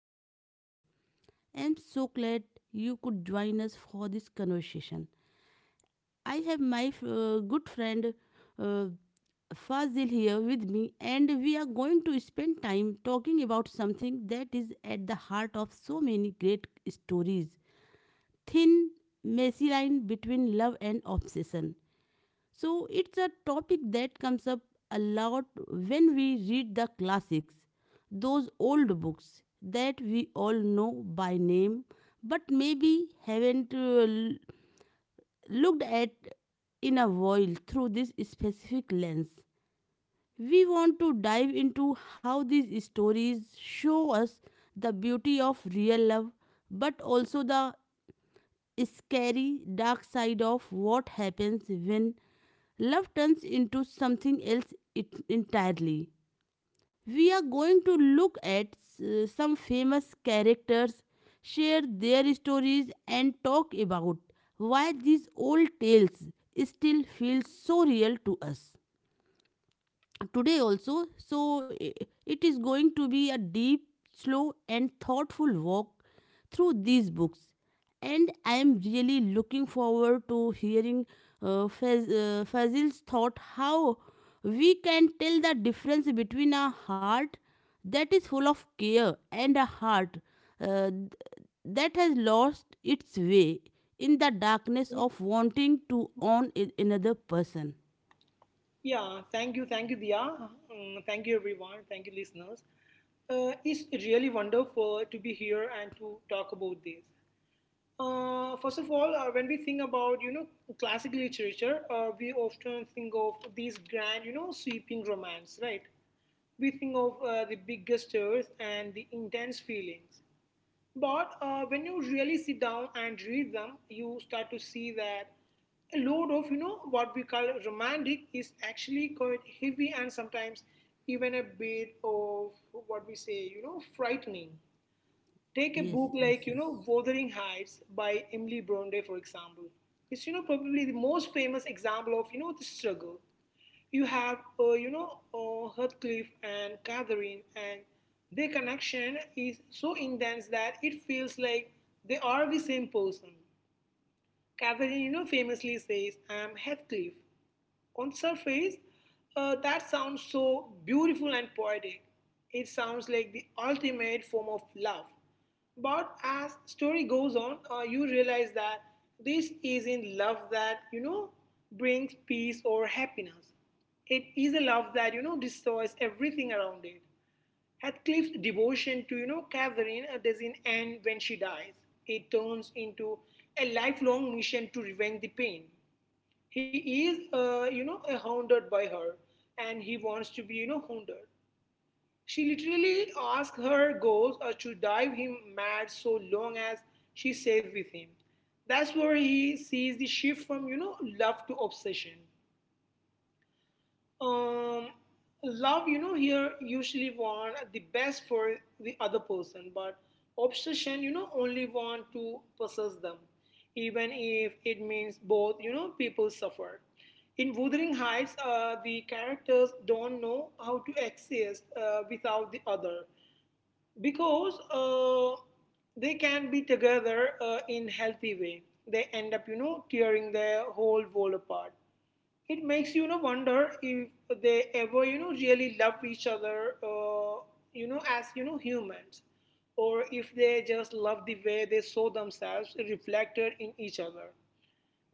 podcast today. I'm so glad you could join us for this conversation. I have my good friend uh, Fazil here with me, and we are going to spend time talking about something that is at the heart of so many great stories thin, messy line between love and obsession. So it's a topic that comes up a lot when we read the classics, those old books that we all know by name but maybe haven't looked at in a while through this specific lens. We want to dive into how these stories show us the beauty of real love but also the scary dark side of what happens when love turns into something else entirely. We are going to look at some famous characters, share their stories, and talk about why these old tales still feel so real to us today. Also, i- it is going to be a deep, slow, and thoughtful walk through these books, and I am really looking forward to hearing Fazil's thought how we can tell the difference between a heart that is full of care and a heart uh, th- that has lost its way in the darkness Yes. of wanting to own another person. Yeah, thank you, Dia. Mm, thank you, everyone. Thank you, listeners. It's really wonderful to be here and to talk about this. First of all, when we think about classic literature, we often think of these grand, you know, sweeping romance, right? We think of the big gestures and the intense feelings. But when you really sit down and read them, you start to see that a load of what we call romantic is actually quite heavy and sometimes even a bit of what we say frightening. Take a Yes, book yes, like, you yes. know, Wuthering Heights by Emily Bronte, for example. It's, you know, probably the most famous example of, you know, the struggle. You have, Heathcliff and Catherine, and their connection is so intense that it feels like they are the same person. Catherine, you know, famously says, I am Heathcliff. On surface, that sounds so beautiful and poetic. It sounds like the ultimate form of love. But as story goes on, you realize that this isn't love that brings peace or happiness. It is a love that destroys everything around it. Heathcliff's devotion to, you know, Catherine doesn't end when she dies. It turns into a lifelong mission to revenge the pain. He is, hounded by her, and he wants to be, you know, hounded. She literally asks her ghost to drive him mad so long as she stays with him. That's where he sees the shift from, you know, love to obsession. um, Love, you know, here usually want the best for the other person, but obsession, you know, only want to possess them, even if it means both, you know, people suffer. In Wuthering Heights, the characters don't know how to exist without the other because they can be together in healthy way they end up tearing their whole world apart. It makes you know wonder if they ever really love each other, as humans, or if they just love the way they saw themselves reflected in each other.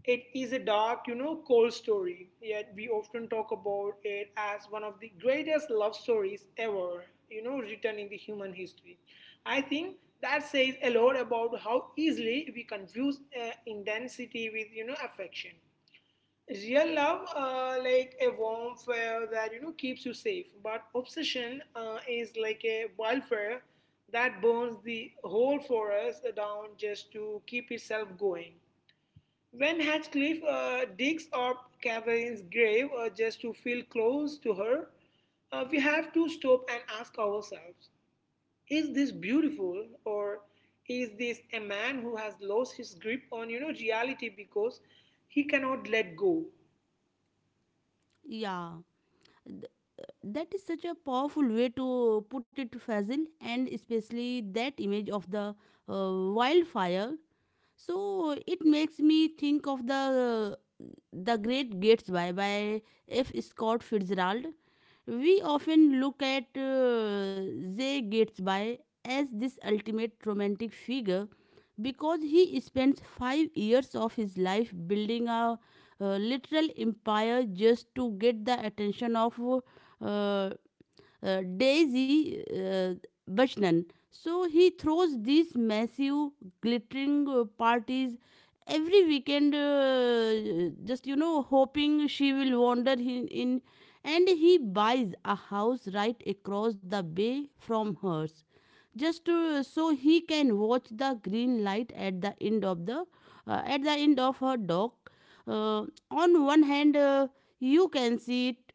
It is a dark, you know, cold story, yet we often talk about it as one of the greatest love stories ever, you know, written in the human history. I think that says a lot about how easily we confuse intensity with, you know, affection. Real love, like a warm fire that, you know, keeps you safe, but obsession is like a wildfire that burns the whole forest down just to keep itself going. When Hatcliffe digs up Catherine's grave just to feel close to her, we have to stop and ask ourselves, is this beautiful, or is this a man who has lost his grip on reality because he cannot let go? Yeah, that is such a powerful way to put it, Fazil, and especially that image of the uh, wildfire. So it makes me think of the Great Gatsby by F. Scott Fitzgerald. We often look at Jay Gatsby as this ultimate romantic figure because he spends 5 years of his life building a literal empire just to get the attention of uh, Daisy Buchanan. So he throws these massive, glittering parties every weekend, just, you know, hoping she will wander in. And he buys a house right across the bay from hers, just to, so he can watch the green light at the end of the at the end of her dock. Uh, on one hand, you can see it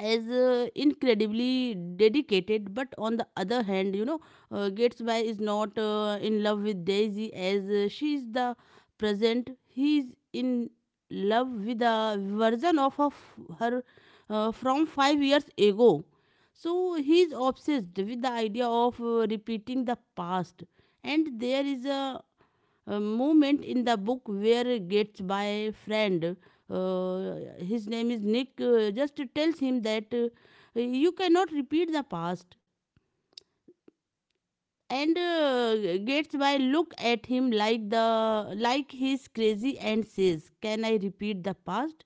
as incredibly dedicated, but on the other hand, you know, Gatesby is not in love with Daisy as she is the present. He is in love with a version of her from 5 years ago. So he is obsessed with the idea of repeating the past, and there is a moment in the book where it gets by friend, uh, his name is Nick, just tells him that you cannot repeat the past, and gets by look at him like the like he's crazy and says, can I repeat the past?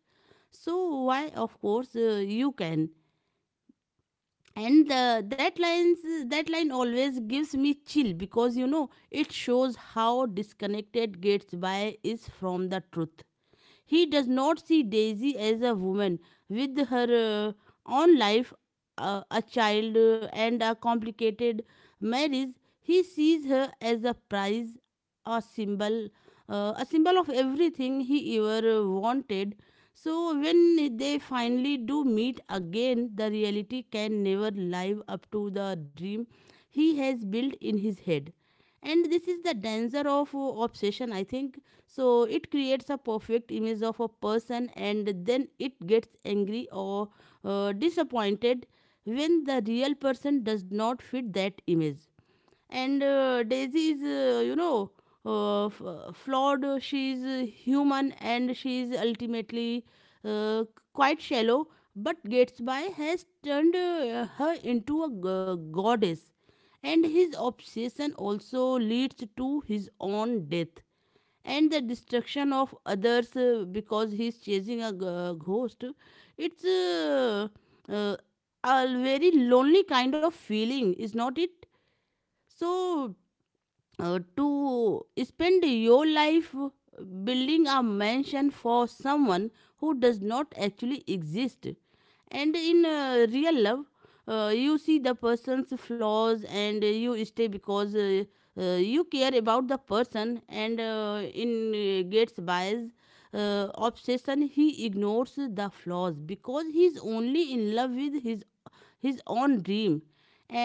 So why, of course, you can. And the, that lines that line always gives me chill because, you know, it shows how disconnected Gatesby is from the truth. He does not see Daisy as a woman with her own life, a child, and a complicated marriage. He sees her as a prize, a symbol, a symbol of everything he ever wanted. So when they finally do meet again, the reality can never live up to the dream he has built in his head. And this is the danger of obsession, I think. So it creates a perfect image of a person and then it gets angry or disappointed when the real person does not fit that image. And Daisy is, you know, flawed. She is human and she is ultimately uh, quite shallow, but gets has turned her into a goddess. And his obsession also leads to his own death and the destruction of others because he's chasing a ghost. It's uh, a very lonely kind of feeling, is not it? So, to spend your life building a mansion for someone who does not actually exist. And in real love, you see the person's flaws and you stay because you care about the person. And in Gates' bias, obsession, he ignores the flaws because he's only in love with his own dream.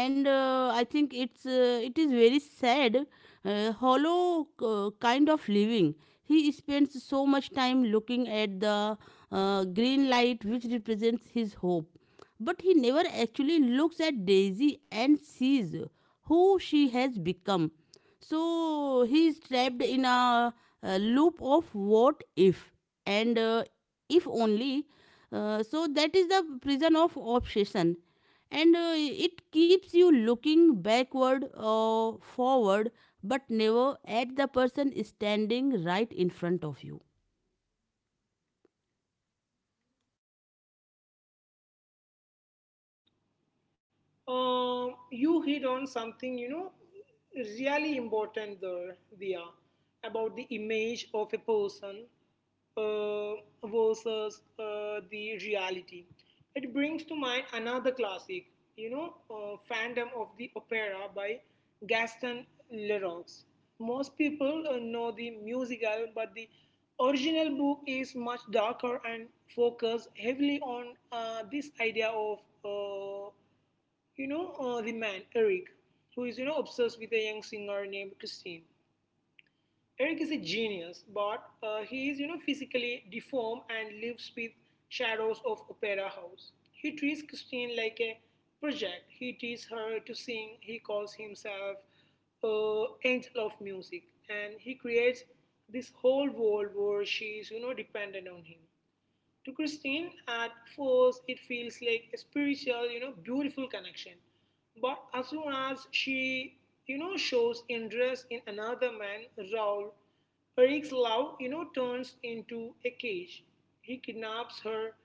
And I think it's it is very sad, hollow kind of living. He spends so much time looking at the green light which represents his hope, but he never actually looks at Daisy and sees who she has become. So he is trapped in a loop of what if, and if only. So that is the prison of obsession, and it keeps you looking backward or forward, but never at the person standing right in front of you. You hit on something, you know, really important there, Dia, about the image of a person uh, versus the reality. It brings to mind another classic, Phantom of the Opera by Gaston Leroux. Most people know the musical, but the original book is much darker and focused heavily on this idea of. Uh, the man, Eric, who is obsessed with a young singer named Christine. Eric is a genius, but he is physically deformed and lives with shadows of Opera House. He treats Christine like a project. He teaches her to sing. He calls himself angel of music, and he creates this whole world where she is dependent on him. To Christine, at first, it feels like a spiritual, you know, beautiful connection. But as soon as she, you know, shows interest in another man, Raoul, Eric's love, you know, turns into a cage. He kidnaps her.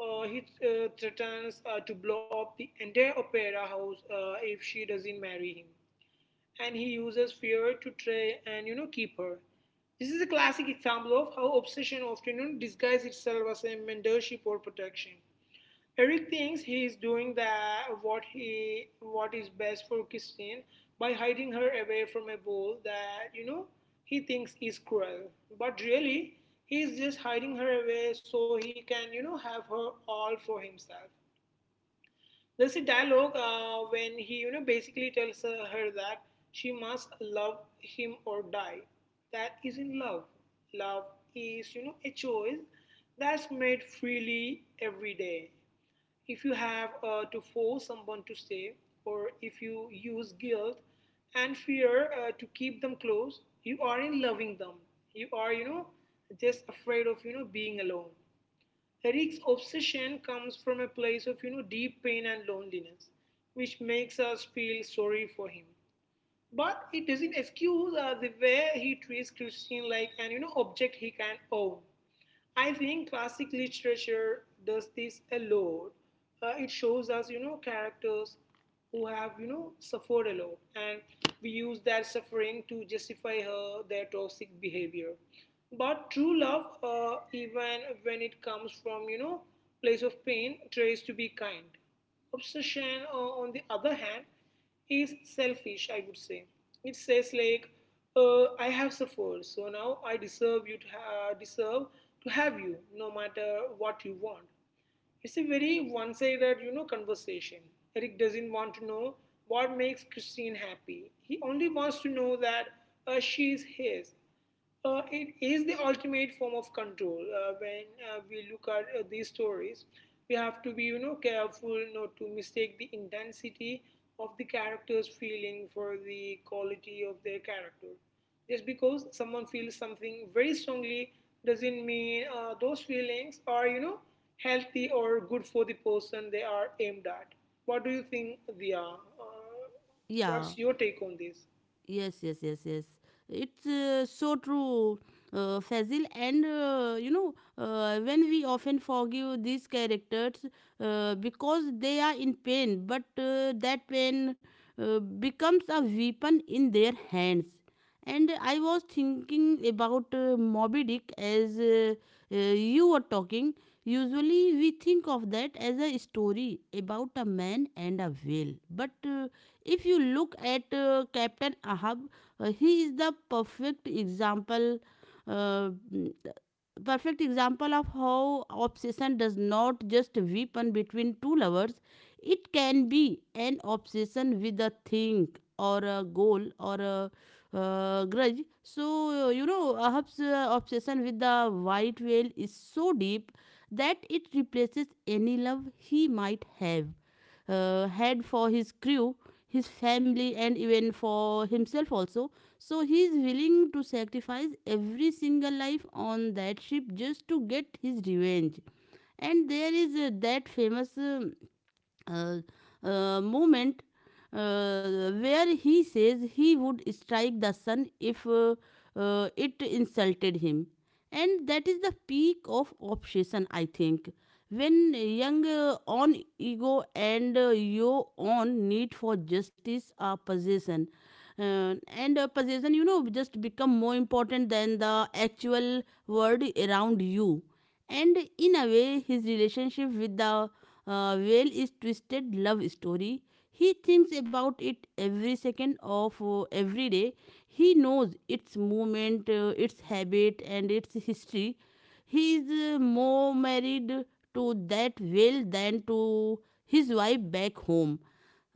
He threatens to blow up the entire opera house if she doesn't marry him, and he uses fear to try and keep her. This is a classic example of how obsession often, you know, disguises itself as a mentorship or protection. Eric thinks he is doing that what he what is best for Christine by hiding her away from a wall that he thinks is cruel. But really, he is just hiding her away so he can have her all for himself. There's a dialogue when he, you know, basically tells her that she must love him or die. That isn't love. Love is, you know, a choice that's made freely every day. If you have to force someone to stay, or if you use guilt and fear to keep them close, you aren't loving them. You are, you know, just afraid of, you know, being alone. Eric's obsession comes from a place of deep pain and loneliness, which makes us feel sorry for him. But it doesn't excuse the way he treats Christine like an object he can own. I think classic literature does this a lot. It shows us characters who have suffered a lot, and we use that suffering to justify her their toxic behavior. But true love, even when it comes from place of pain, tries to be kind. Obsession, on the other hand, is selfish, I would say. It says like, I have suffered, so now I deserve deserve to have you, no matter what you want. It's a very one-sided, you know, conversation. Eric doesn't want to know what makes Christine happy. He only wants to know that she is his. It is the ultimate form of control. When we look at these stories, we have to be, you know, careful not to mistake the intensity of the character's feeling for the quality of their character. Just because someone feels something very strongly doesn't mean those feelings are, you know, healthy or good for the person they are aimed at. What do you think, Dia? Yeah. What's your take on this? Yes, yes, yes, yes. It's so true, Fazil. And, you know, when we often forgive these characters because they are in pain, but that pain becomes a weapon in their hands. And I was thinking about Moby Dick as you were talking. Usually, we think of that as a story about a man and a whale, but if you look at Captain Ahab, he is the perfect example. Uh, mm, Perfect example of how obsession does not just weaken between two lovers. It can be an obsession with a thing or a goal or a grudge. So you know, Ahab's obsession with the white whale is so deep that it replaces any love he might have had for his crew, his family, and even for himself also. So he is willing to sacrifice every single life on that ship just to get his revenge. And there is that famous. uh, moment where he says he would strike the sun if it insulted him. And that is the peak of obsession, I think. When young on ego and your own need for justice are possession, and possession, you know, just become more important than the actual world around you. And in a way his relationship with the whale is twisted love story. He thinks about it every second of every day. He knows its movement, its habit, and its history. He is more married to that whale than to his wife back home.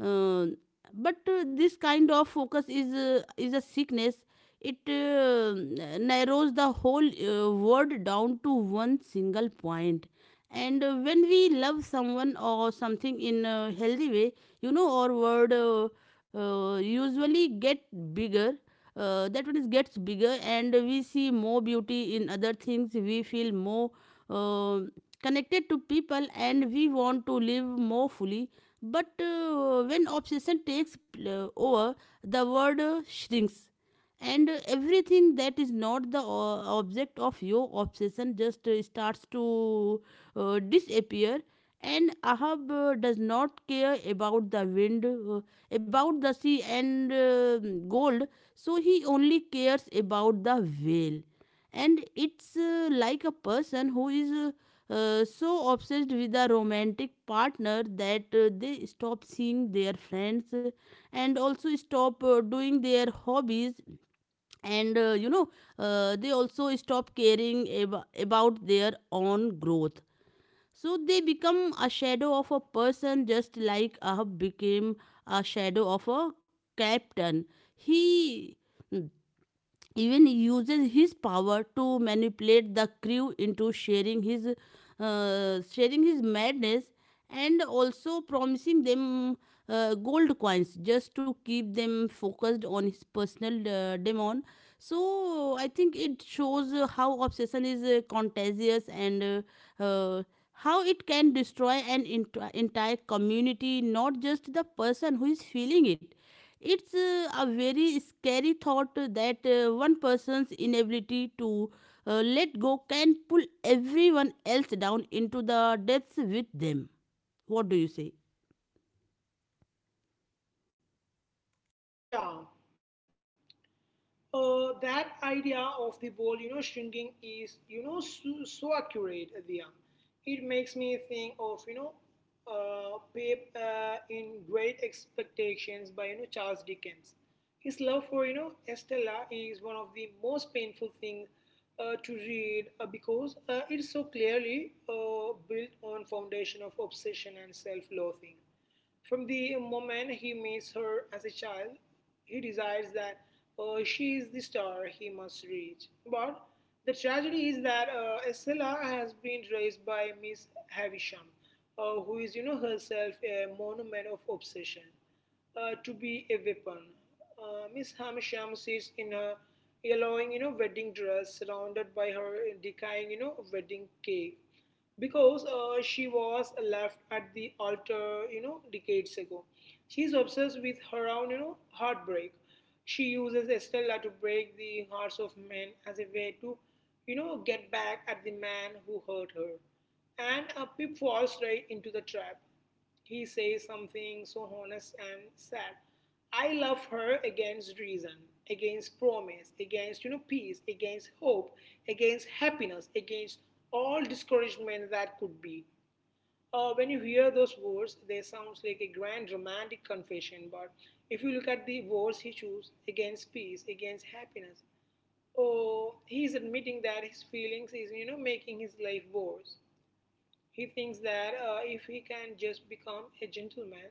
uh, but this kind of focus is a sickness. It narrows the whole word down to one single point. And when we love someone or something in a healthy way, you know, our world usually get bigger. That one is gets bigger, and we see more beauty in other things. We feel more uh, connected to people and we want to live more fully. But when obsession takes over, the world shrinks. And everything that is not the object of your obsession just starts to disappear. And Ahab does not care about the wind, about the sea, and gold. So he only cares about the whale. And it's like a person who is so obsessed with a romantic partner that they stop seeing their friends and also stop doing their hobbies. And, you know, they also stop caring about their own growth. So they become a shadow of a person, just like Ahab became a shadow of a captain. He, mm, even uses his power to manipulate the crew into sharing his madness, and also promising them gold coins just to keep them focused on his personal demon. So I think it shows how obsession is contagious, and uh, uh, how it can destroy an entire community, not just the person who is feeling it. It's a very scary thought that one person's inability to let go can pull everyone else down into the depths with them. What do you say? Yeah. That idea of the world, you know, shrinking is, you know, so, so accurate, Diya. It makes me think of, you know, Pip, in Great Expectations by, you know, Charles Dickens. His love for, you know, Estella is one of the most painful things to read because it so clearly built on foundation of obsession and self-loathing. From the moment he meets her as a child, he decides that she is the star he must reach. But the tragedy is that Estella has been raised by Miss Havisham, who is, you know, herself a monument of obsession to be a weapon. Miss Havisham sits in her yellowing, you know, wedding dress, surrounded by her decaying, you know, wedding cake, because she was left at the altar, you know, decades ago. She is obsessed with her own, you know, heartbreak. She uses Estella to break the hearts of men as a way to, you know, get back at the man who hurt her. And Pip falls right into the trap. He says something so honest and sad. I love her against reason, against promise, against peace, against hope, against happiness, against all discouragement that could be. When you hear those words, they sound like a grand romantic confession. But if you look at the words he chose, against peace, against happiness, oh, he is admitting that his feelings is making his life worse. He thinks that if he can just become a gentleman,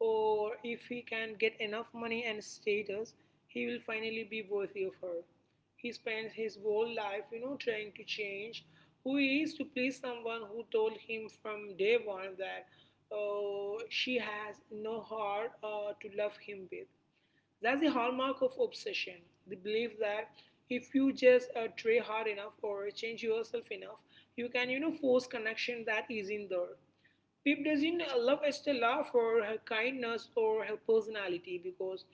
or if he can get enough money and status, he will finally be worthy of her. He spends his whole life, you know, trying to change who he is to please someone who told him from day one that she has no heart to love him with. That's the hallmark of obsession, the belief that if you just try hard enough or change yourself enough, you can, you know, force connection that is in there. Pip doesn't love Estella for her kindness or her personality because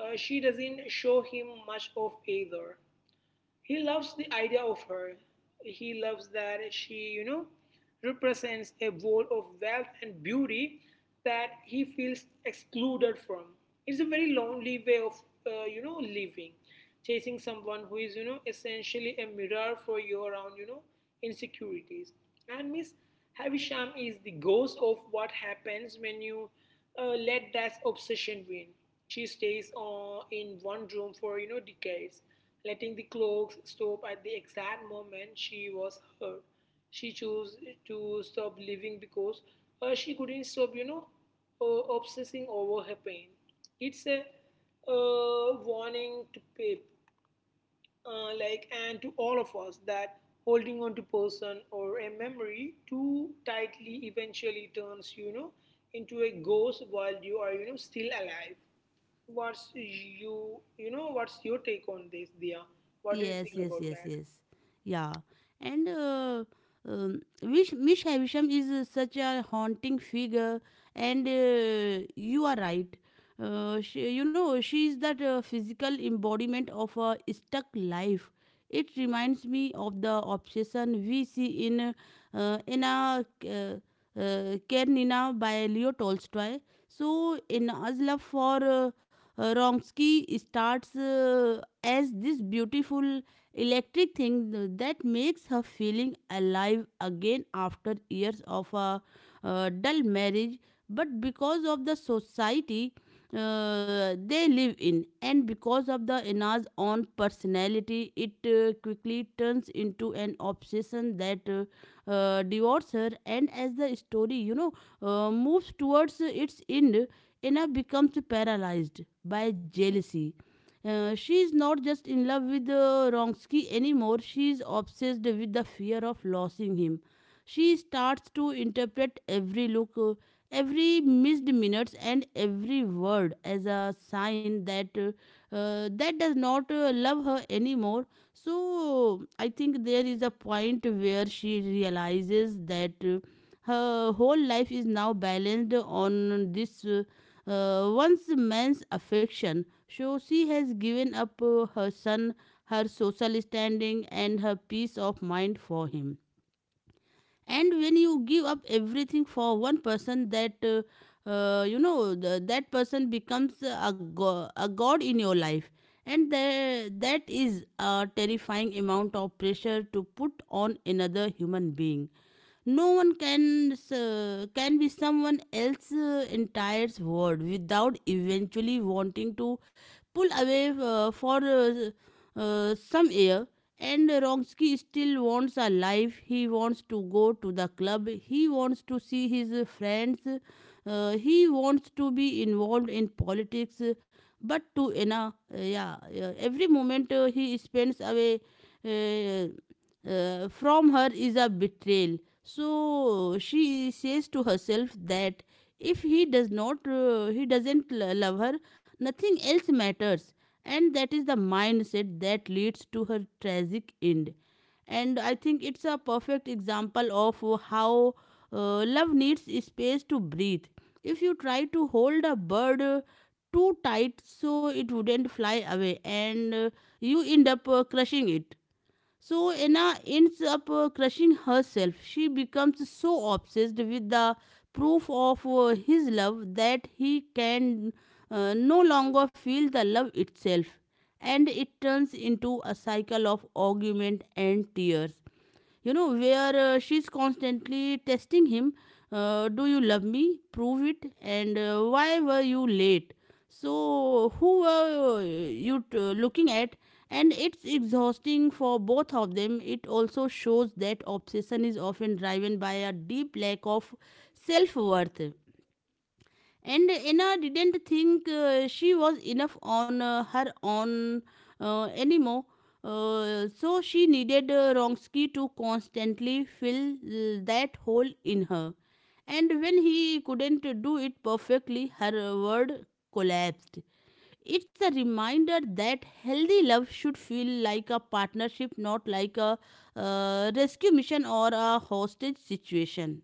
she doesn't show him much of either. He loves the idea of her. He loves that she, you know, represents a world of wealth and beauty that he feels excluded from. It's a very lonely way of, you know, living. Chasing someone who is, you know, essentially a mirror for your own, you know, insecurities. And Miss Havisham is the ghost of what happens when you let that obsession win. She stays in one room for decades, letting the clocks stop at the exact moment she was hurt. She chose to stop living because she couldn't stop obsessing over her pain. It's a warning to Pip, and to all of us, that holding on to person or a memory too tightly eventually turns into a ghost while you are still alive. What's your take on this, Dia? What do you Yes, think yes, about yes, that? yes. Yeah. And, Vish, Miss Havisham is such a haunting figure, and you are right. She, you know, she is that physical embodiment of a stuck life. It reminds me of the obsession we see in a Karenina by Leo Tolstoy. So, Anna's love for Vronsky starts as this beautiful electric thing that makes her feeling alive again after years of a dull marriage, but because of the society they live in and because of the Anna's own personality, it quickly turns into an obsession that devours her. And as the story, you know, moves towards its end, Anna becomes paralyzed by jealousy. She is not just in love with Wronski anymore, she is obsessed with the fear of losing him. She starts to interpret every look, every missed minutes, and every word as a sign that that does not love her anymore. So I think there is a point where she realizes that her whole life is now balanced on this once man's affection. So she has given up her son, her social standing, and her peace of mind for him. And when you give up everything for one person that that person becomes a god in your life. And that is a terrifying amount of pressure to put on another human being. No one can be someone else's entire world without eventually wanting to pull away for some air. And Ronsky still wants a life. He wants to go to the club. He wants to see his friends. He wants to be involved in politics. But to Anna, yeah, yeah, every moment he spends away. Uh, from her is a betrayal. So she says to herself that if he does not, he doesn't love her, nothing else matters. And that is the mindset that leads to her tragic end. And I think it's a perfect example of how love needs space to breathe. If you try to hold a bird too tight so it wouldn't fly away, and you end up crushing it. So Anna ends up crushing herself. She becomes so obsessed with the proof of his love that he can no longer feel the love itself. And it turns into a cycle of argument and tears, you know, where she's constantly testing him. Uh, do you love me, prove it, and why were you late, so who were you looking at? And it's exhausting for both of them. It also shows that obsession is often driven by a deep lack of self worth. And Anna didn't think she was enough on her own anymore. So she needed Wronski to constantly fill that hole in her. And when he couldn't do it perfectly, her world collapsed. It's a reminder that healthy love should feel like a partnership, not like a rescue mission or a hostage situation.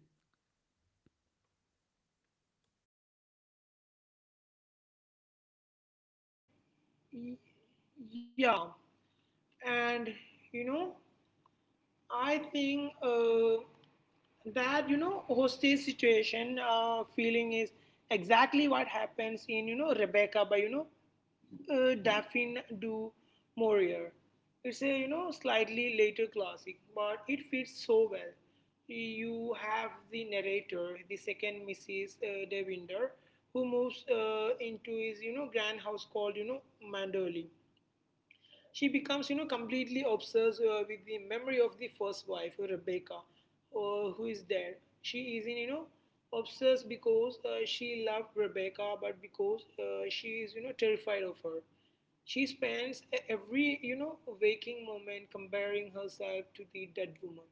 Y- yeah. And you know I think that hostage situation feeling is exactly what happens in Rebecca by Daphne du Maurier. It's a slightly later classic, but it fits so well. You have the narrator, the second Mrs. Devinder, who moves into his grand house called Mandoli. She becomes, you know, completely obsessed with the memory of the first wife, Rebecca, who is dead. She is, in, you know, obsessed because she loved Rebecca, but because she is, you know, terrified of her. She spends every, you know, waking moment comparing herself to the dead woman.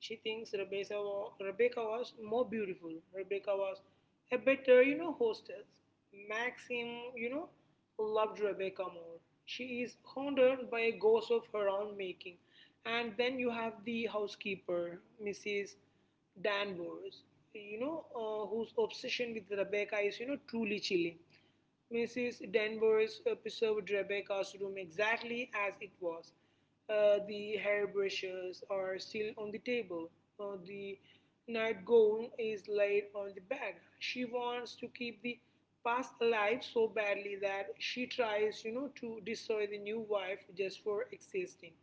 She thinks Rebecca was more beautiful. Rebecca was a better, you know, hostess. Maxim, you know, loved Rebecca more. She is haunted by a ghost of her own making. And then you have the housekeeper, Mrs. Danvers, you know, whose obsession with Rebecca is, you know, truly chilling. Mrs. Danvers preserved Rebecca's room exactly as it was. The hairbrushes are still on the table. The nightgown is laid on the bed. She wants to keep the past alive so badly that she tries, you know, to destroy the new wife just for existing.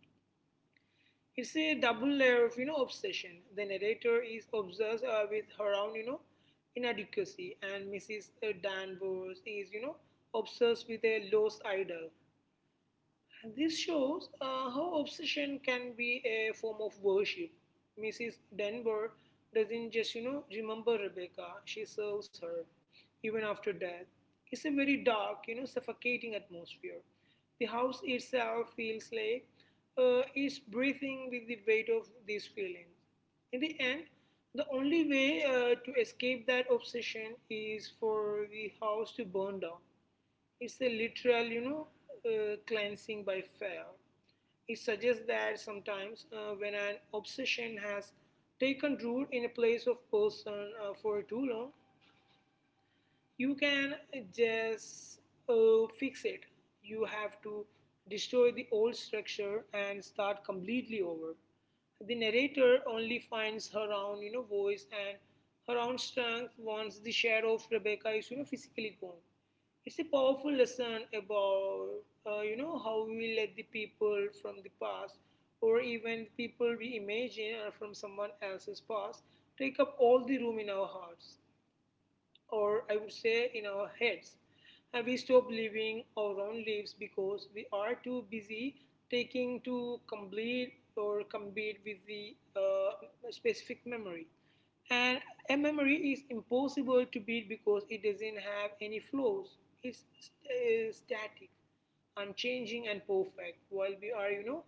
It's a double layer of obsession. The narrator is obsessed with her own inadequacy, and Mrs. Danvers is obsessed with a lost idol. This shows how obsession can be a form of worship. Mrs. Denver doesn't just, you know, remember Rebecca, she serves her even after death. It's a very dark, you know, suffocating atmosphere. The house itself feels like it's breathing with the weight of these feelings. In the end, the only way to escape that obsession is for the house to burn down. It's a literal, you know, cleansing by fire. It suggests that sometimes when an obsession has taken root in a place of person for too long, you can just fix it. You have to destroy the old structure and start completely over. The narrator only finds her own, you know, voice and her own strength once the shadow of Rebecca is, you know, physically gone. It's a powerful lesson about, you know, how we let the people from the past, or even people we imagine are from someone else's past, take up all the room in our hearts, or I would say in our heads. And we stop living our own lives because we are too busy taking to complete or compete with the specific memory. And a memory is impossible to beat because it doesn't have any flaws. It's static, unchanging, and perfect, while we are, you know,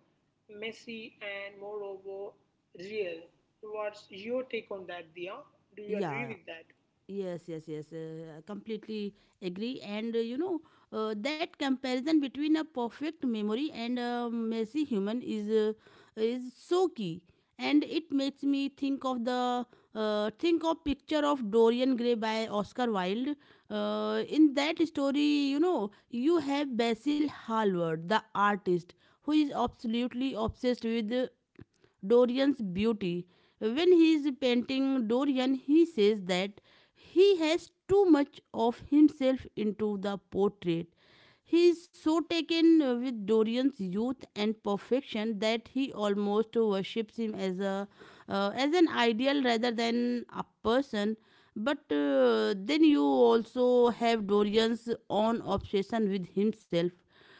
messy and moreover real. What's your take on that, Dia? Do you Yeah, agree yeah. with that? Yes, yes, yes. I completely agree. And, you know, that comparison between a perfect memory and a messy human is so key. And it makes me think of the think of picture of Dorian Gray by Oscar Wilde. In that story, you know, you have Basil Hallward, the artist, who is absolutely obsessed with Dorian's beauty. When he is painting Dorian, he says that he has too much of himself into the portrait. He is so taken with Dorian's youth and perfection that he almost worships him as a as an ideal rather than a person. But then you also have Dorian's own obsession with himself.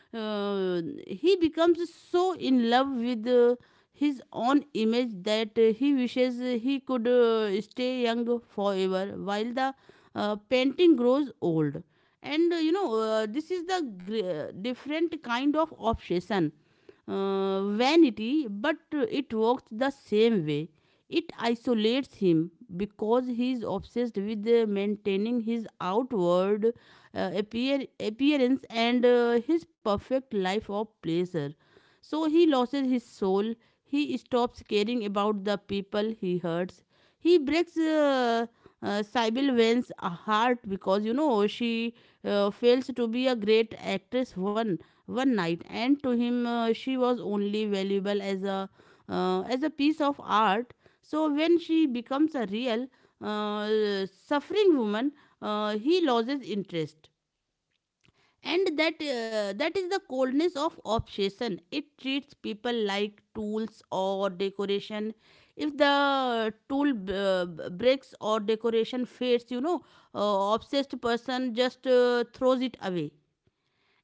uh, he becomes so in love with his own image that he wishes he could stay young forever while the painting grows old. And, this is the different kind of obsession, vanity, but it works the same way. It isolates him because he is obsessed with maintaining his outward appearance and his perfect life of pleasure. So he loses his soul. He stops caring about the people he hurts. He breaks Sybil Vane's heart because, you know, she fails to be a great actress one night, and to him she was only valuable as a piece of art. So when she becomes a real suffering woman, he loses interest. And that is the coldness of obsession. It treats people like tools or decoration. If the tool breaks or decoration fades, you know, obsessed person just throws it away.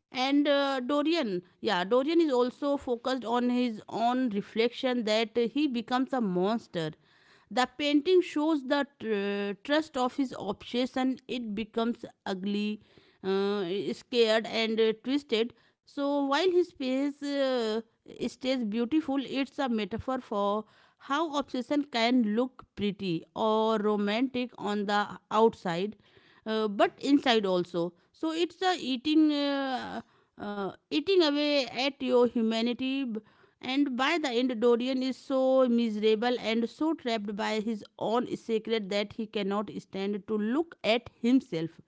And dorian yeah, dorian is also focused on his own reflection that he becomes a monster. The painting shows the trust of his obsession. It becomes ugly, uh, scared and twisted, so while his face stays beautiful. It's a metaphor for how obsession can look pretty or romantic on the outside, but inside also, so it's a eating eating away at your humanity. And by the end, dorian is so miserable and so trapped by his own secret that he cannot stand to look at himself.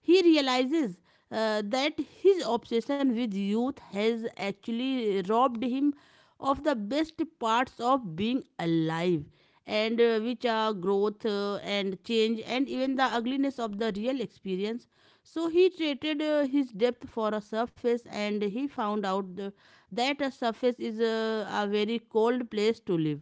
He realizes that his obsession with youth has actually robbed him of the best parts of being alive, and which are growth and change and even the ugliness of the real experience. So he traded his depth for a surface and he found out that a surface is a very cold place to live.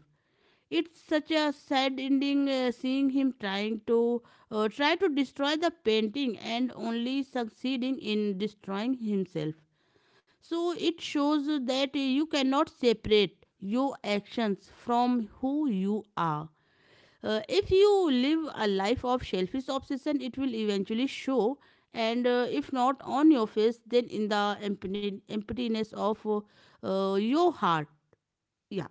It's such a sad ending, seeing him trying to try to destroy the painting and only succeeding in destroying himself. So it shows that you cannot separate your actions from who you are. If you live a life of selfish obsession, it will eventually show. And if not on your face, then in the emptiness of your heart. Yeah,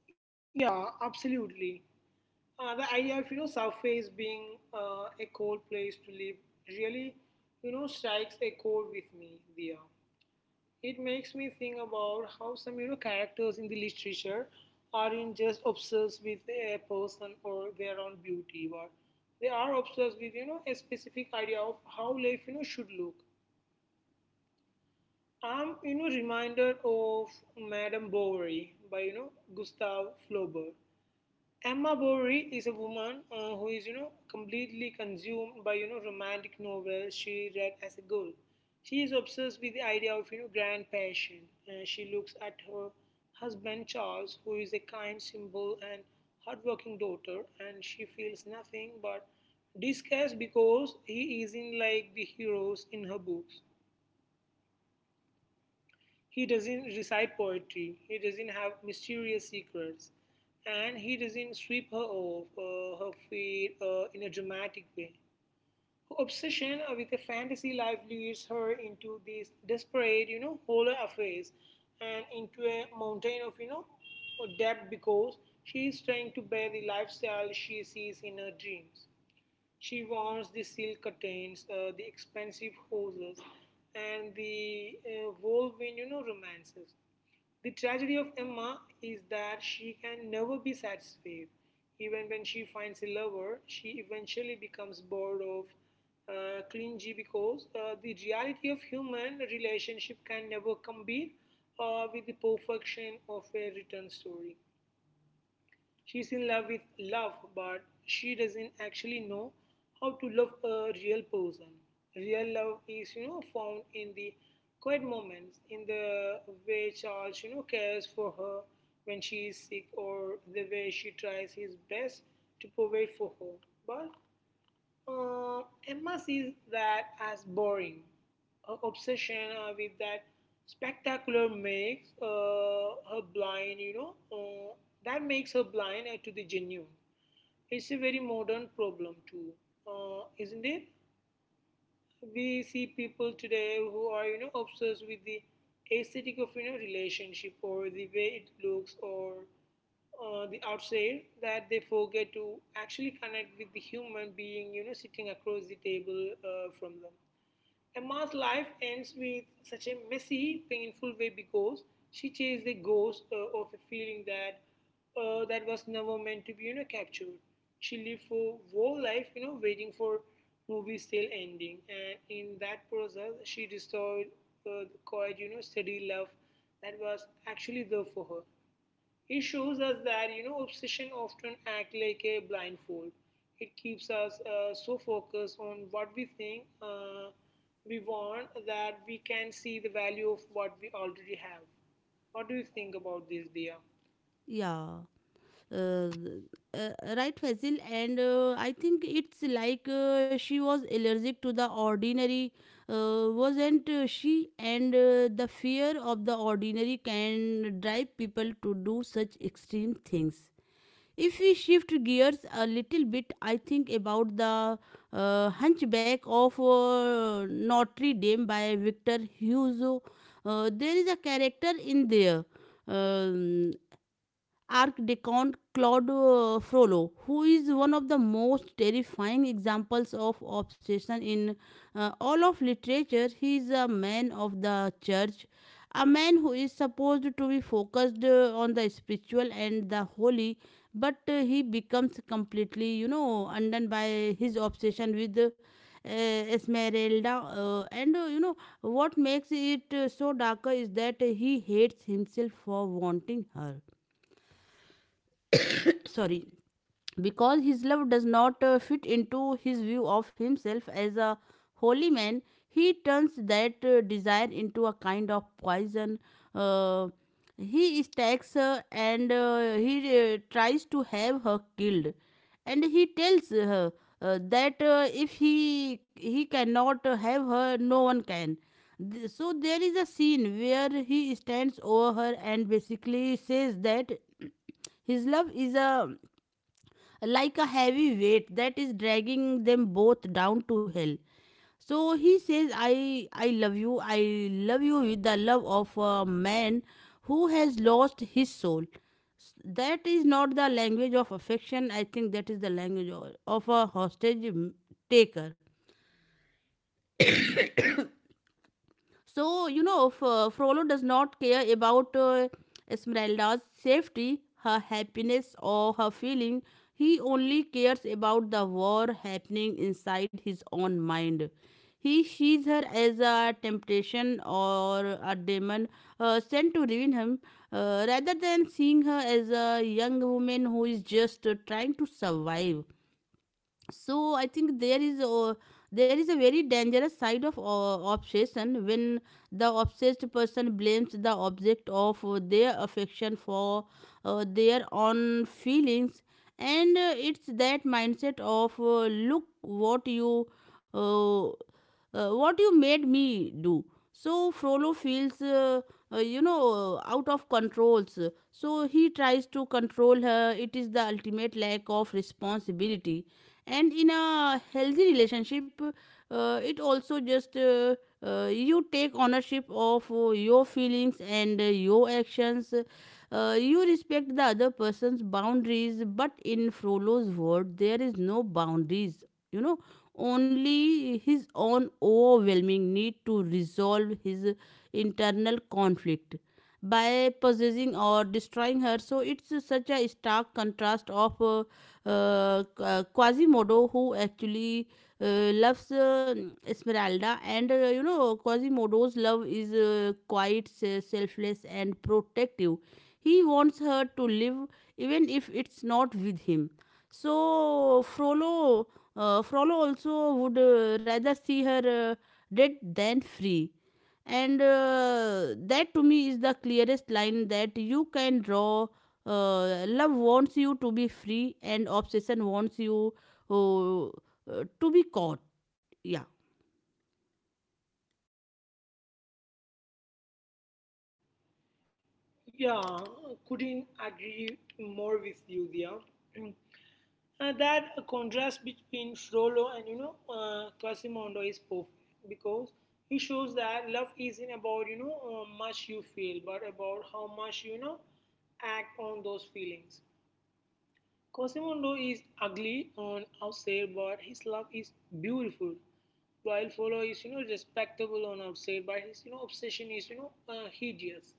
Yeah, absolutely. The idea of surface being a cold place to live really strikes a chord with me, Dia. It makes me think about how some characters in the literature aren't just obsessed with a person or their own beauty, but they are obsessed with a specific idea of how life should look. I'm reminded of Madame Bovary by Gustave Flaubert. Emma Bovary is a woman who is, you know, completely consumed by, you know, romantic novels she read as a girl. She is obsessed with the idea of, you know, grand passion. She looks at her husband Charles, who is a kind, simple, and hardworking daughter, and she feels nothing but disgust because he isn't like the heroes in her books. He doesn't recite poetry, he doesn't have mysterious secrets, and he doesn't sweep her off her feet in a dramatic way. Her obsession with a fantasy life leads her into these desperate, you know, holler affairs and into a mountain of, you know, debt because she is trying to bear the lifestyle she sees in her dreams. She wants the silk curtains, the expensive houses, and the whirlwind, you know, romances. The tragedy of Emma is that she can never be satisfied. Even when she finds a lover, she eventually becomes bored of clingy because the reality of human relationship can never compete with the perfection of a written story. She's in love with love, but she doesn't actually know how to love a real person. Real love is, you know, found in the quiet moments, in the way Charles, you know, cares for her when she is sick, or the way she tries his best to provide for her. But Emma sees that as boring. Her obsession with that spectacular makes her blind, you know, that makes her blind to the genuine. It's a very modern problem, too, isn't it? We see people today who are obsessed with the aesthetic of relationship or the way it looks, or the outside, that they forget to actually connect with the human being sitting across the table from them. Emma's life ends with such a messy, painful way because she chased the ghost of a feeling that that was never meant to be, you know, captured. She lived for whole life, you know, waiting for movie still ending, and in that process, she destroyed the quiet, you know, steady love that was actually there for her. It shows us that obsession often act like a blindfold. It keeps us so focused on what we think we want that we can see the value of what we already have. What do you think about this, Dia? yeah. uh, uh, right, Faisal, and I think it's like she was allergic to the ordinary, wasn't she, and the fear of the ordinary can drive people to do such extreme things. If we shift gears a little bit, I think about the Hunchback of Notre Dame by Victor Hugo. There is a character in there, um, Archdeacon Claude Frollo, who is one of the most terrifying examples of obsession in all of literature. He is a man of the church, a man who is supposed to be focused on the spiritual and the holy, but he becomes completely, you know, undone by his obsession with. Esmeralda, and, you know, what makes it so darker is that he hates himself for wanting her. Sorry, because his love does not fit into his view of himself as a holy man. He turns that desire into a kind of poison. uh, he attacks her and he tries to have her killed, and he tells her that if he cannot have her, no one can. So there is a scene where he stands over her and basically says that his love is a like a heavy weight that is dragging them both down to hell. So he says, I love you. I love you with the love of a man who has lost his soul." S- That is not the language of affection. I think that is the language of a hostage taker. So, you know, Frollo does not care about Esmeralda's safety, her happiness, or her feeling. He only cares about the war happening inside his own mind. He sees her as a temptation or a demon sent to ruin him, rather than seeing her as a young woman who is just trying to survive. So I think there is a very dangerous side of obsession when the obsessed person blames the object of their affection for their own feelings. And it's that mindset of, look uh, what you made me do. So Frollo feels, out of controls. So he tries to control her. It is the ultimate lack of responsibility. And in a healthy relationship, it also just you take ownership of your feelings and your actions. You respect the other person's boundaries, but in Frollo's world, there is no boundaries. You know, only his own overwhelming need to resolve his internal conflict by possessing or destroying her. So it's such a stark contrast of Quasimodo, who actually loves Esmeralda, and, you know, Quasimodo's love is quite selfless and protective. He wants her to live even if it's not with him. So Frollo, Frollo also would rather see her dead than free. And that to me is the clearest line that you can draw. Love wants you to be free, and obsession wants you uh, uh, to be caught. Yeah, Yeah, couldn't agree more with you, Dia. That contrast between Frollo and Quasimodo is perfect because he shows that love isn't about much you feel, but about how much act on those feelings. Quasimodo is ugly on outside, but his love is beautiful. While Frollo is respectable on outside, but his obsession is hideous.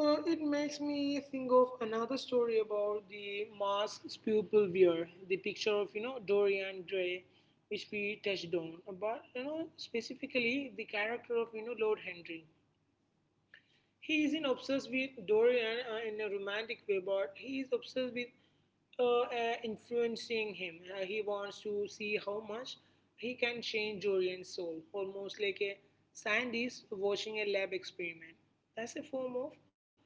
It makes me think of another story about the mask's pupil wear, the picture of Dorian Gray, which we touched on, but specifically the character of Lord Henry. He isn't obsessed with Dorian in a romantic way, but he is obsessed with influencing him. He wants to see how much he can change Dorian's soul, almost like a scientist watching a lab experiment. That's a form of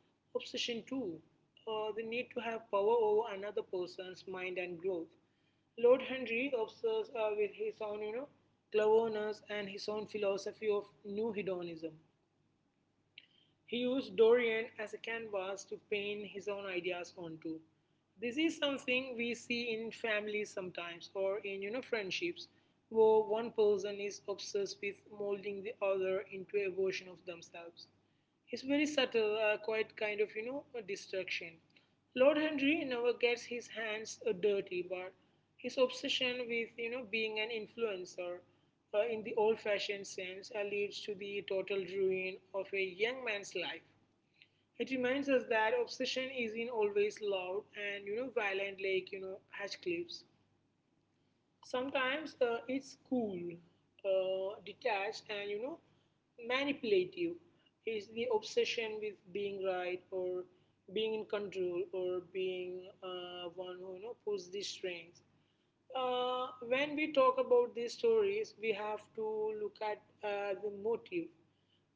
obsession, too. The need to have power over another person's mind and growth. Lord Henry obsesses with his own, you know, cleverness and his own philosophy of new hedonism. He used Dorian as a canvas to paint his own ideas onto. This is something we see in families sometimes, or in friendships, where one person is obsessed with molding the other into a version of themselves. It's very subtle, quite kind of, you know, a distraction. Lord Henry never gets his hands dirty, but his obsession with, you know, being an influencer in the old-fashioned sense leads to the total ruin of a young man's life. It reminds us that obsession isn't always loud and, you know, violent like, you know, Hatchcliffe's. Sometimes it's cool, detached, and you know, manipulative. It's the obsession with being right, or being in control, or being one who pulls the strings. When we talk about these stories, we have to look at the motive.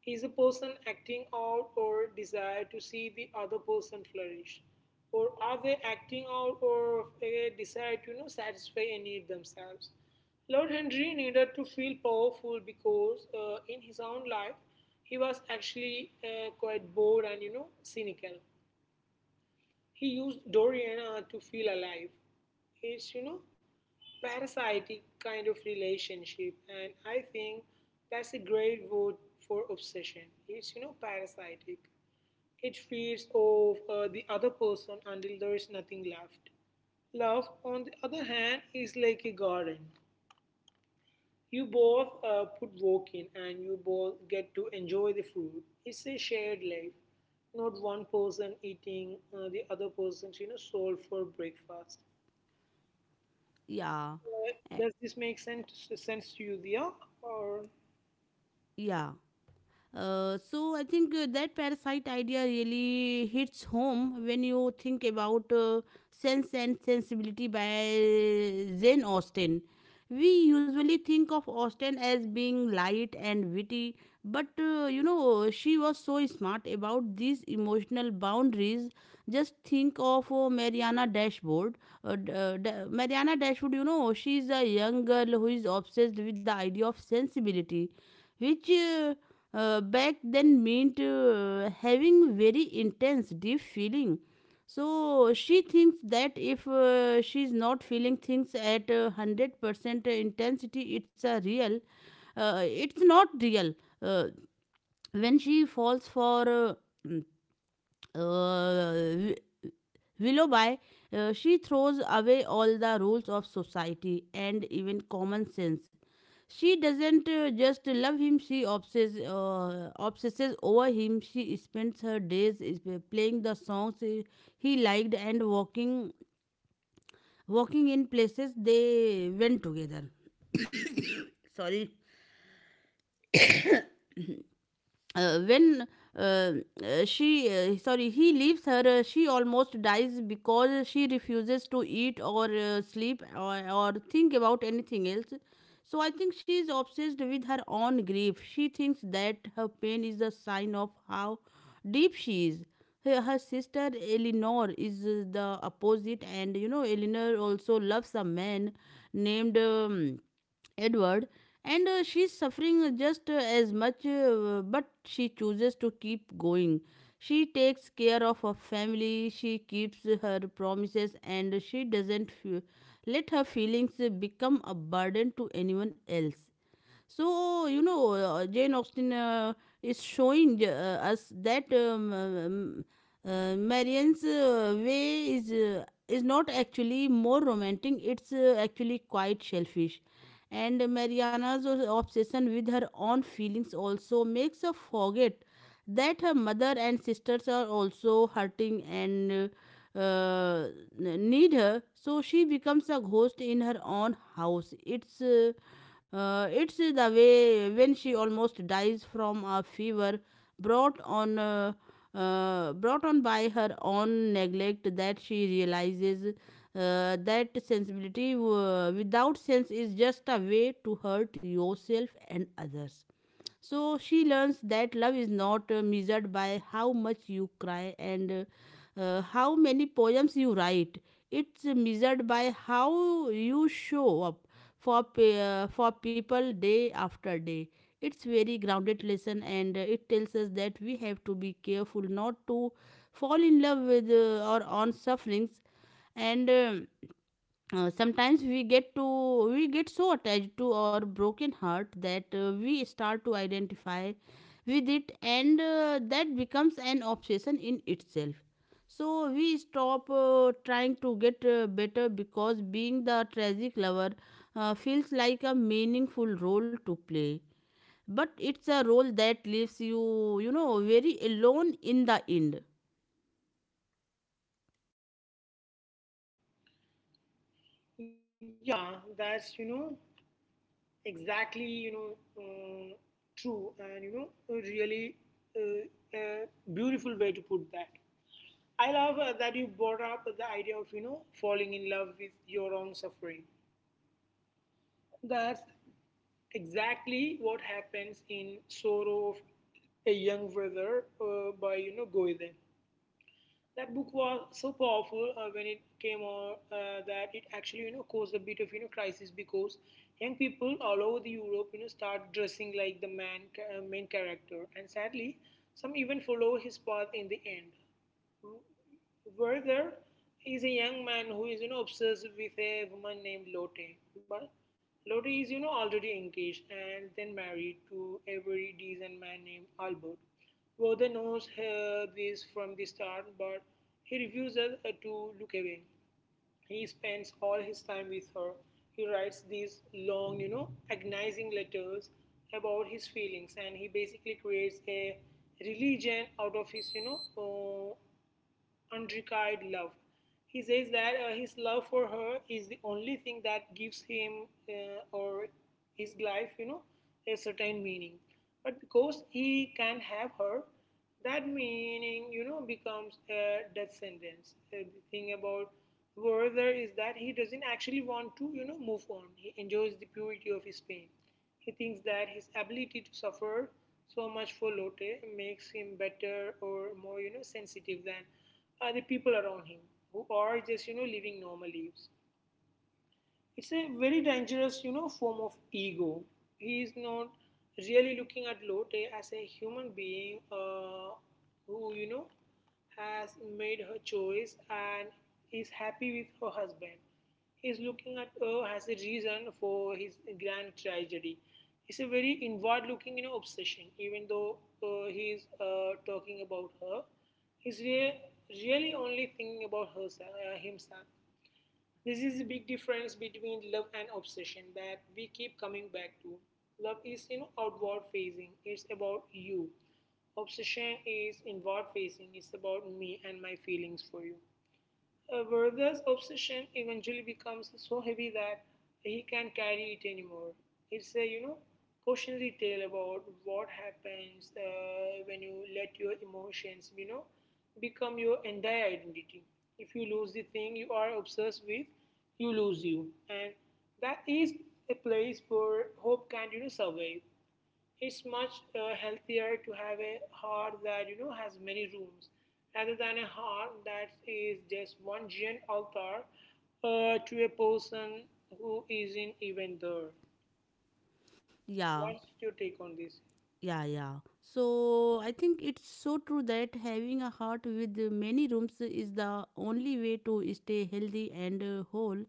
Is a person acting out or desire to see the other person flourish? Or are they acting out or a desire to, you know, satisfy a need themselves? Lord Henry needed to feel powerful because in his own life he was actually quite bored and cynical. He used Doriana to feel alive. It's, you know, parasitic kind of relationship. And I think that's a great word for obsession. It's, you know, parasitic. It feeds off the other person until there is nothing left. Love, on the other hand, is like a garden. You both put work in and you both get to enjoy the food. It's a shared life, not one person eating the other person's soul for breakfast. yeah, eh, Does this make sense to you, Dia? Or yeah. So I think that parasite idea really hits home when you think about. Sense and Sensibility by Jane Austen. We usually think of Austen as being light and witty, but, you know, she was so smart about these emotional boundaries. Just think of Mariana Dashwood. Mariana Dashwood, you know, she is a young girl who is obsessed with the idea of sensibility, which back then meant having very intense, deep feeling. So she thinks that if she's not feeling things at 100% intensity, it's a real. It's not real. Uh, when she falls for mm, uh, willow by, she throws away all the rules of society and even common sense. She doesn't just love him, she obsesses over him. She spends her days playing the songs he liked and walking in places they went together. Sorry uh, when uh, uh, she uh, sorry he leaves her, she almost dies because she refuses to eat or sleep or think about anything else. So I think she is obsessed with her own grief. She thinks that her pain is a sign of how deep she is. Her sister Eleanor is the opposite, and you know, Eleanor also loves a man named Edward, and she's suffering just as much, but she chooses to keep going. She takes care of her family, she keeps her promises, and she doesn't let her feelings become a burden to anyone else. So, you know, Jane Austen is showing us that Marianne's way is not actually more romantic. It's actually quite selfish, and Mariana's obsession with her own feelings also makes her forget that her mother and sisters are also hurting and. uh, need her, so she becomes a ghost in her own house. It's the way when she almost dies from a fever brought on uh, brought on by her own neglect that she realizes that sensibility without sense is just a way to hurt yourself and others. So she learns that love is not measured by how much you cry and how many poems you write. It's measured by how you show up for for people day after day. It's very grounded lesson, and it tells us that we have to be careful not to fall in love with or on sufferings and sometimes we get so attached to our broken heart that we start to identify with it, and that becomes an obsession in itself. So we stop trying to get better, because being the tragic lover feels like a meaningful role to play, but it's a role that leaves you you know very alone in the end. yeah, that's exactly, um, true and, a really, uh, a beautiful way to put that. I love that you brought up the idea of, falling in love with your own suffering. That's exactly what happens in Sorrow of a Young Brother, by, Goiden. That book was so powerful when it came out, that it actually, caused a bit of, crisis because young people all over the Europe, start dressing like the man main character, and sadly some even follow his path in the end. Werther is a young man who is, you know, obsessed with a woman named Lotte. But Lotte is, you know, already engaged and then married to a very decent man named Albert. Werther knows this from the start, but he refuses to look away. He spends all his time with her. He writes these long, you know, agonizing letters about his feelings, and he basically creates a religion out of his, unrequited love. He says that his love for her is the only thing that gives him or his life, a certain meaning. But because he can have her, that meaning, becomes a death sentence. The thing about Werther is that he doesn't actually want to, move on. He enjoys the purity of his pain. He thinks that his ability to suffer so much for Lotte makes him better or more, sensitive than the people around him who are just, living normal lives. It's a very dangerous, form of ego. He is not really looking at Lotte as a human being who, has made her choice and is happy with her husband. He is looking at her as a reason for his grand tragedy. It's a very inward-looking, obsession. Even though he is talking about her, he's re- really only thinking about herself, himself. This is the big difference between love and obsession that we keep coming back to. Love is, outward facing; it's about you. Obsession is inward facing; it's about me and my feelings for you. Werther's obsession eventually becomes so heavy that he can't carry it anymore. It's a, cautionary tale about what happens when you let your emotions, become your entire identity. If you lose the thing you are obsessed with, you lose you, and that is a place where hope can't, survive. It's much healthier to have a heart that, has many rooms rather than a heart that is just one giant altar to a person who isn't even there. Yeah. What's your take on this? Yeah, yeah. So I think it's so true that having a heart with many rooms is the only way to stay healthy and whole.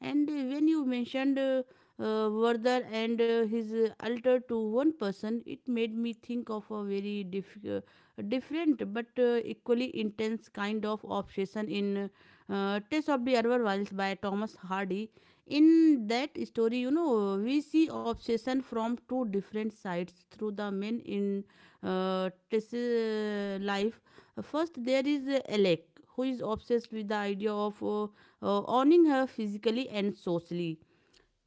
And when you mentioned Vardar and his altar to one person, it made me think of a very different but equally intense kind of obsession in Tales of the Urban Wilds by Thomas Hardy. In that story, you know, we see obsession from two different sides through the men in Tess's life. First, there is Alec, who is obsessed with the idea of owning her physically and socially.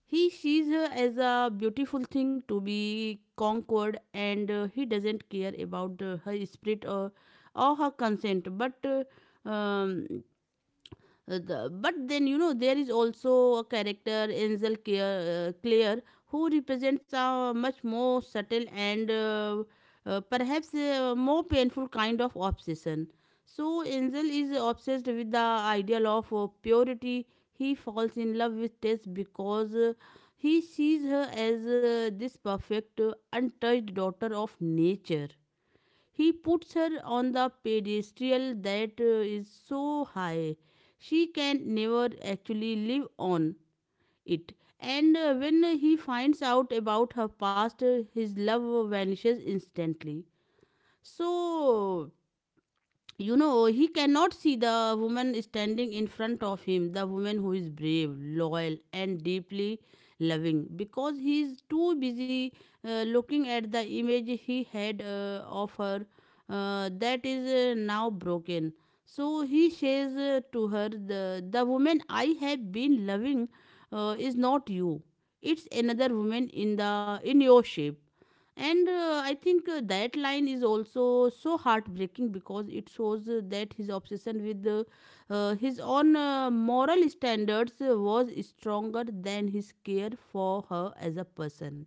He sees her as a beautiful thing to be conquered, and he doesn't care about her spirit or her consent, but um, but then, you know, there is also a character Ansel Clare, who represents a much more subtle and perhaps a more painful kind of obsession. So Ansel is obsessed with the ideal of purity. He falls in love with Tess because he sees her as this perfect, untouched daughter of nature. He puts her on the pedestal that is so high she can never actually live on it. And when he finds out about her past, his love vanishes instantly. So you know, he cannot see the woman standing in front of him, the woman who is brave, loyal, and deeply loving, because he is too busy looking at the image he had of her that is now broken. So he says to her, the woman I have been loving is not you, it's another woman in the in your shape. And I think that line is also so heartbreaking, because it shows that his obsession with his own moral standards was stronger than his care for her as a person.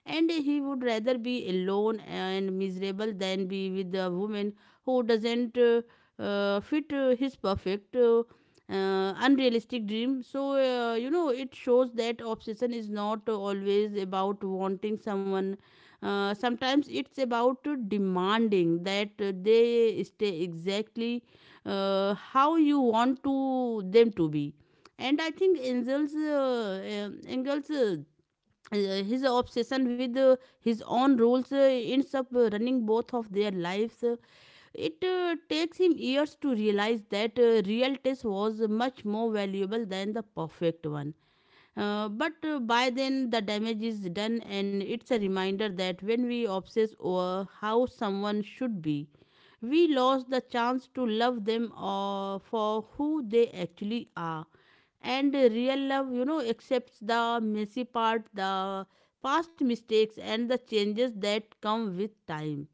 And he would rather be alone and miserable than be with a woman who doesn't fit his perfect, unrealistic dream. So, you know, it shows that obsession is not always about wanting someone. Sometimes it's about demanding that they stay exactly how you want to them to be. And I think Angel's Engel's his obsession with his own rules ends up running both of their lives. It takes him years to realize that real test was much more valuable than the perfect one. But by then, the damage is done, and it's a reminder that when we obsess over how someone should be, we lost the chance to love them for who they actually are. And real love, you know, accepts the messy part, the past mistakes, and the changes that come with time.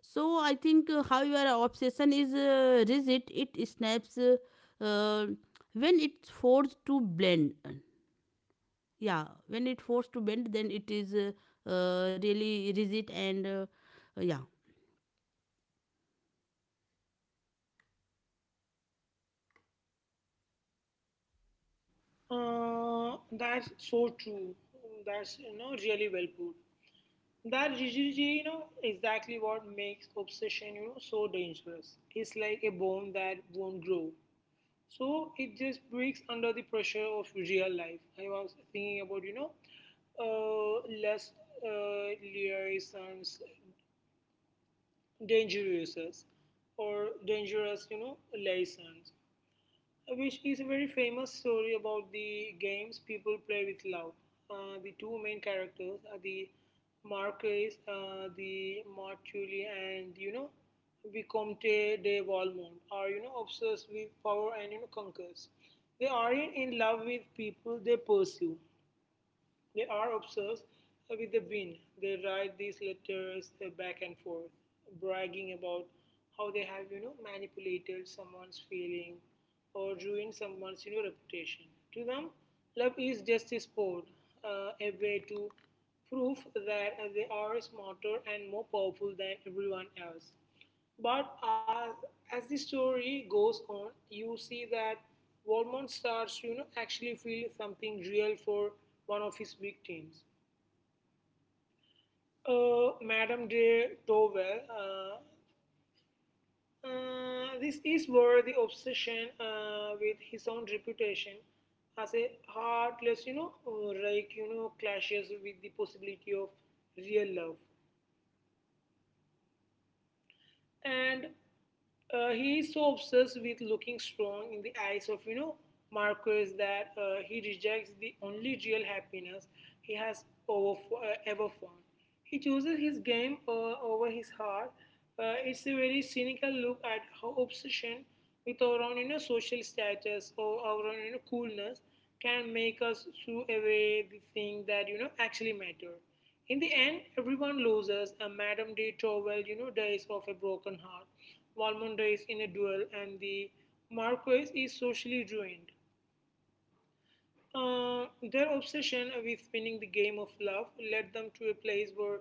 So I think, however, obsession is rigid, it snaps. Uh, when it's forced to blend, yeah, when it forced to bend, then it is really rigid and yeah. That's so true. That's, really well put. That rigidity, you know, exactly what makes obsession, you know, so dangerous. It's like a bone that won't grow. So it just breaks under the pressure of real life. I was thinking about, less, liaisons, dangerous, or dangerous, liaisons, which is a very famous story about the games people play with love. The two main characters are the Marquis, the Martuli, and, Vicomte de Valmont, are, obsessed with power and, conquers. They aren't in love with people they pursue. They are obsessed with the win. They write these letters back and forth, bragging about how they have, you know, manipulated someone's feeling or ruined someone's, you know, reputation. To them, love is just a sport, a way to prove that they are smarter and more powerful than everyone else. But as the story goes on, you see that Walmond starts to, actually feel something real for one of his victims. Madame de Towell, this is where the obsession with his own reputation as a heartless, rake, clashes with the possibility of real love. And he is so obsessed with looking strong in the eyes of, Marcus, that he rejects the only real happiness he has ever found. He chooses his game over his heart. It's a very cynical look at how obsession with our own, social status, or our own, coolness, can make us shoo away the thing that, actually matter. In the end, everyone loses. A Madame de Tourvel, you know, dies of a broken heart. Valmont dies in a duel, and the Marquis is socially ruined. Uh, their obsession with winning the game of love led them to a place where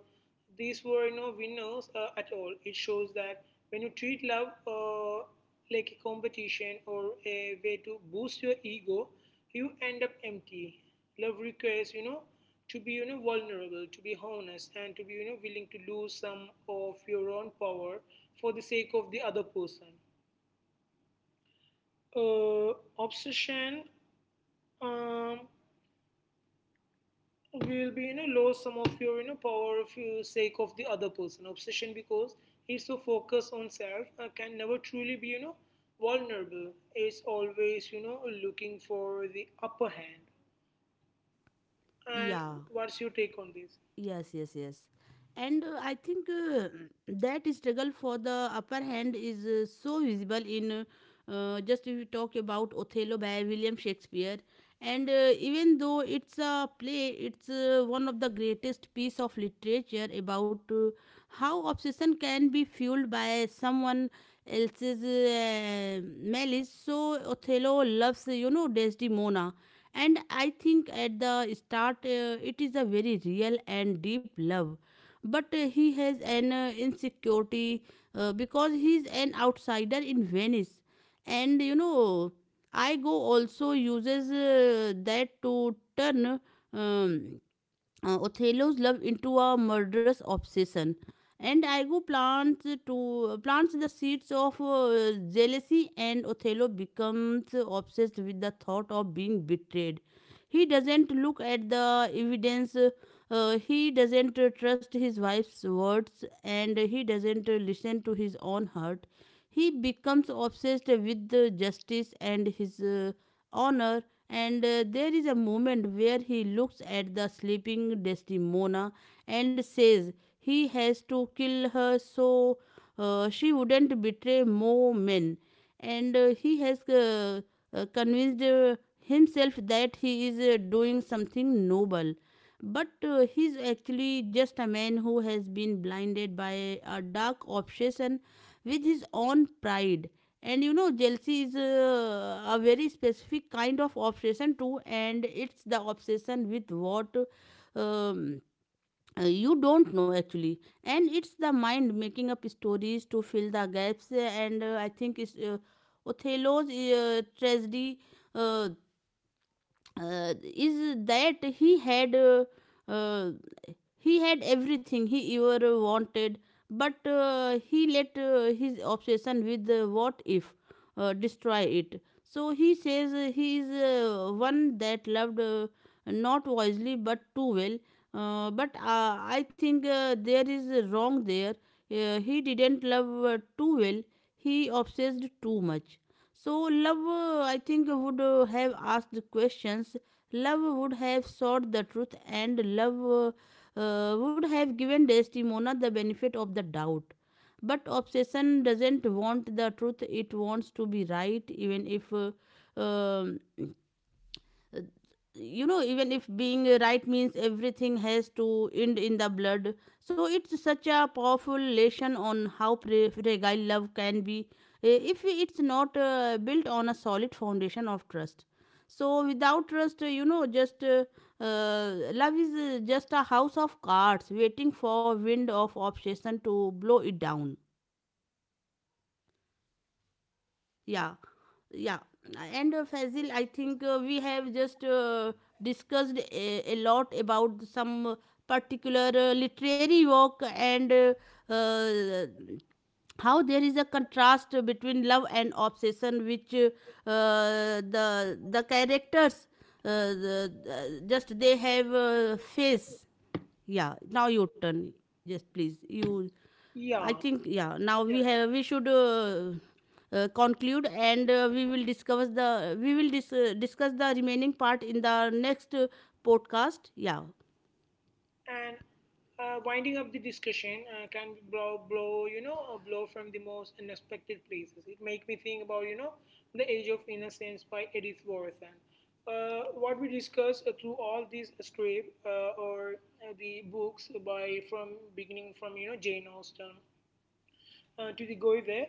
these were no winners at all. It shows that when you treat love like a competition or a way to boost your ego, you end up empty. Love requires, to be, vulnerable, to be honest, and to be, willing to lose some of your own power for the sake of the other person. Uh, Obsession, um, will be, lose some of your, power of your sake of the other person, obsession, because he's so focused on self can never truly be, vulnerable, is always, looking for the upper hand. And Yeah. what's your take on this? Yes, yes, yes. And I think that struggle for the upper hand is so visible in just if you talk about Othello by William Shakespeare. And even though it's a play, it's one of the greatest piece of literature about how obsession can be fueled by someone else's malice. So Othello loves, you know, Desdemona, and I think at the start, it is a very real and deep love, but he has an insecurity because he's an outsider in Venice. And you know, Igo also uses that to turn um, Othello's love into a murderous obsession, and Igo plants the seeds of jealousy, and Othello becomes obsessed with the thought of being betrayed. He doesn't look at the evidence, he doesn't trust his wife's words, and he doesn't listen to his own heart. He becomes obsessed with justice and his honor. And there is a moment where he looks at the sleeping Desdemona and says he has to kill her so she wouldn't betray more men. And he has convinced himself that he is doing something noble. But he's actually just a man who has been blinded by a dark obsession with his own pride. And you know, jealousy is a very specific kind of obsession, too, and it's the obsession with what. Um, you don't know actually, and it's the mind making up stories to fill the gaps, and I think it's Othello's tragedy uh, uh, is that uh, he had everything he ever wanted, but he let his obsession with what if destroy it. So he says he is one that loved not wisely but too well. But I think there is a wrong there. He didn't love too well. He obsessed too much. So love, I think, would have asked questions. Love would have sought the truth, and love would have given Desdemona the benefit of the doubt. But obsession doesn't want the truth, it wants to be right, even if, um, uh, you know, even if being right means everything has to end in the blood. So it's such a powerful lesson on how fragile love can be if it's not built on a solid foundation of trust. So without trust, you know, just love is just a house of cards waiting for wind of obsession to blow it down. Yeah, yeah. And Fazil, I think we have just discussed a lot about some particular literary work, and uh, how there is a contrast between love and obsession, which the characters the- just they have face. Yeah. Now your turn. Just please, you. I Yeah, think yeah. Now yeah. We should conclude, and we will discuss the discuss the remaining part in the next podcast. Yeah, And winding up the discussion, can blow, a blow from the most unexpected places. It make me think about, the age of innocence by Edith Wharton. What we discuss through all these script, or the books by, from beginning from, Jane Austen, to the guy there,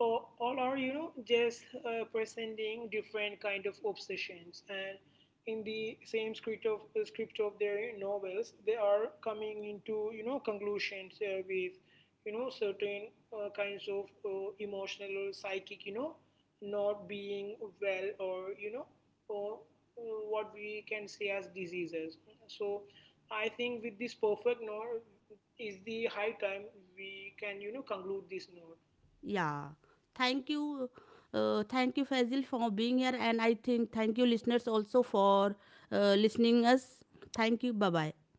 or, all are, just, presenting different kind of obsessions, and in the same script of their novels, they are coming into, conclusions with, certain, kinds of, emotional or psychic, not being well, or, or uh, what we can see as diseases. So I think with this perfect no- is the high time we can, conclude this note. yeah. Thank you, thank you Fazil for being here, and I think thank you listeners also for listening us. Thank you. Bye bye.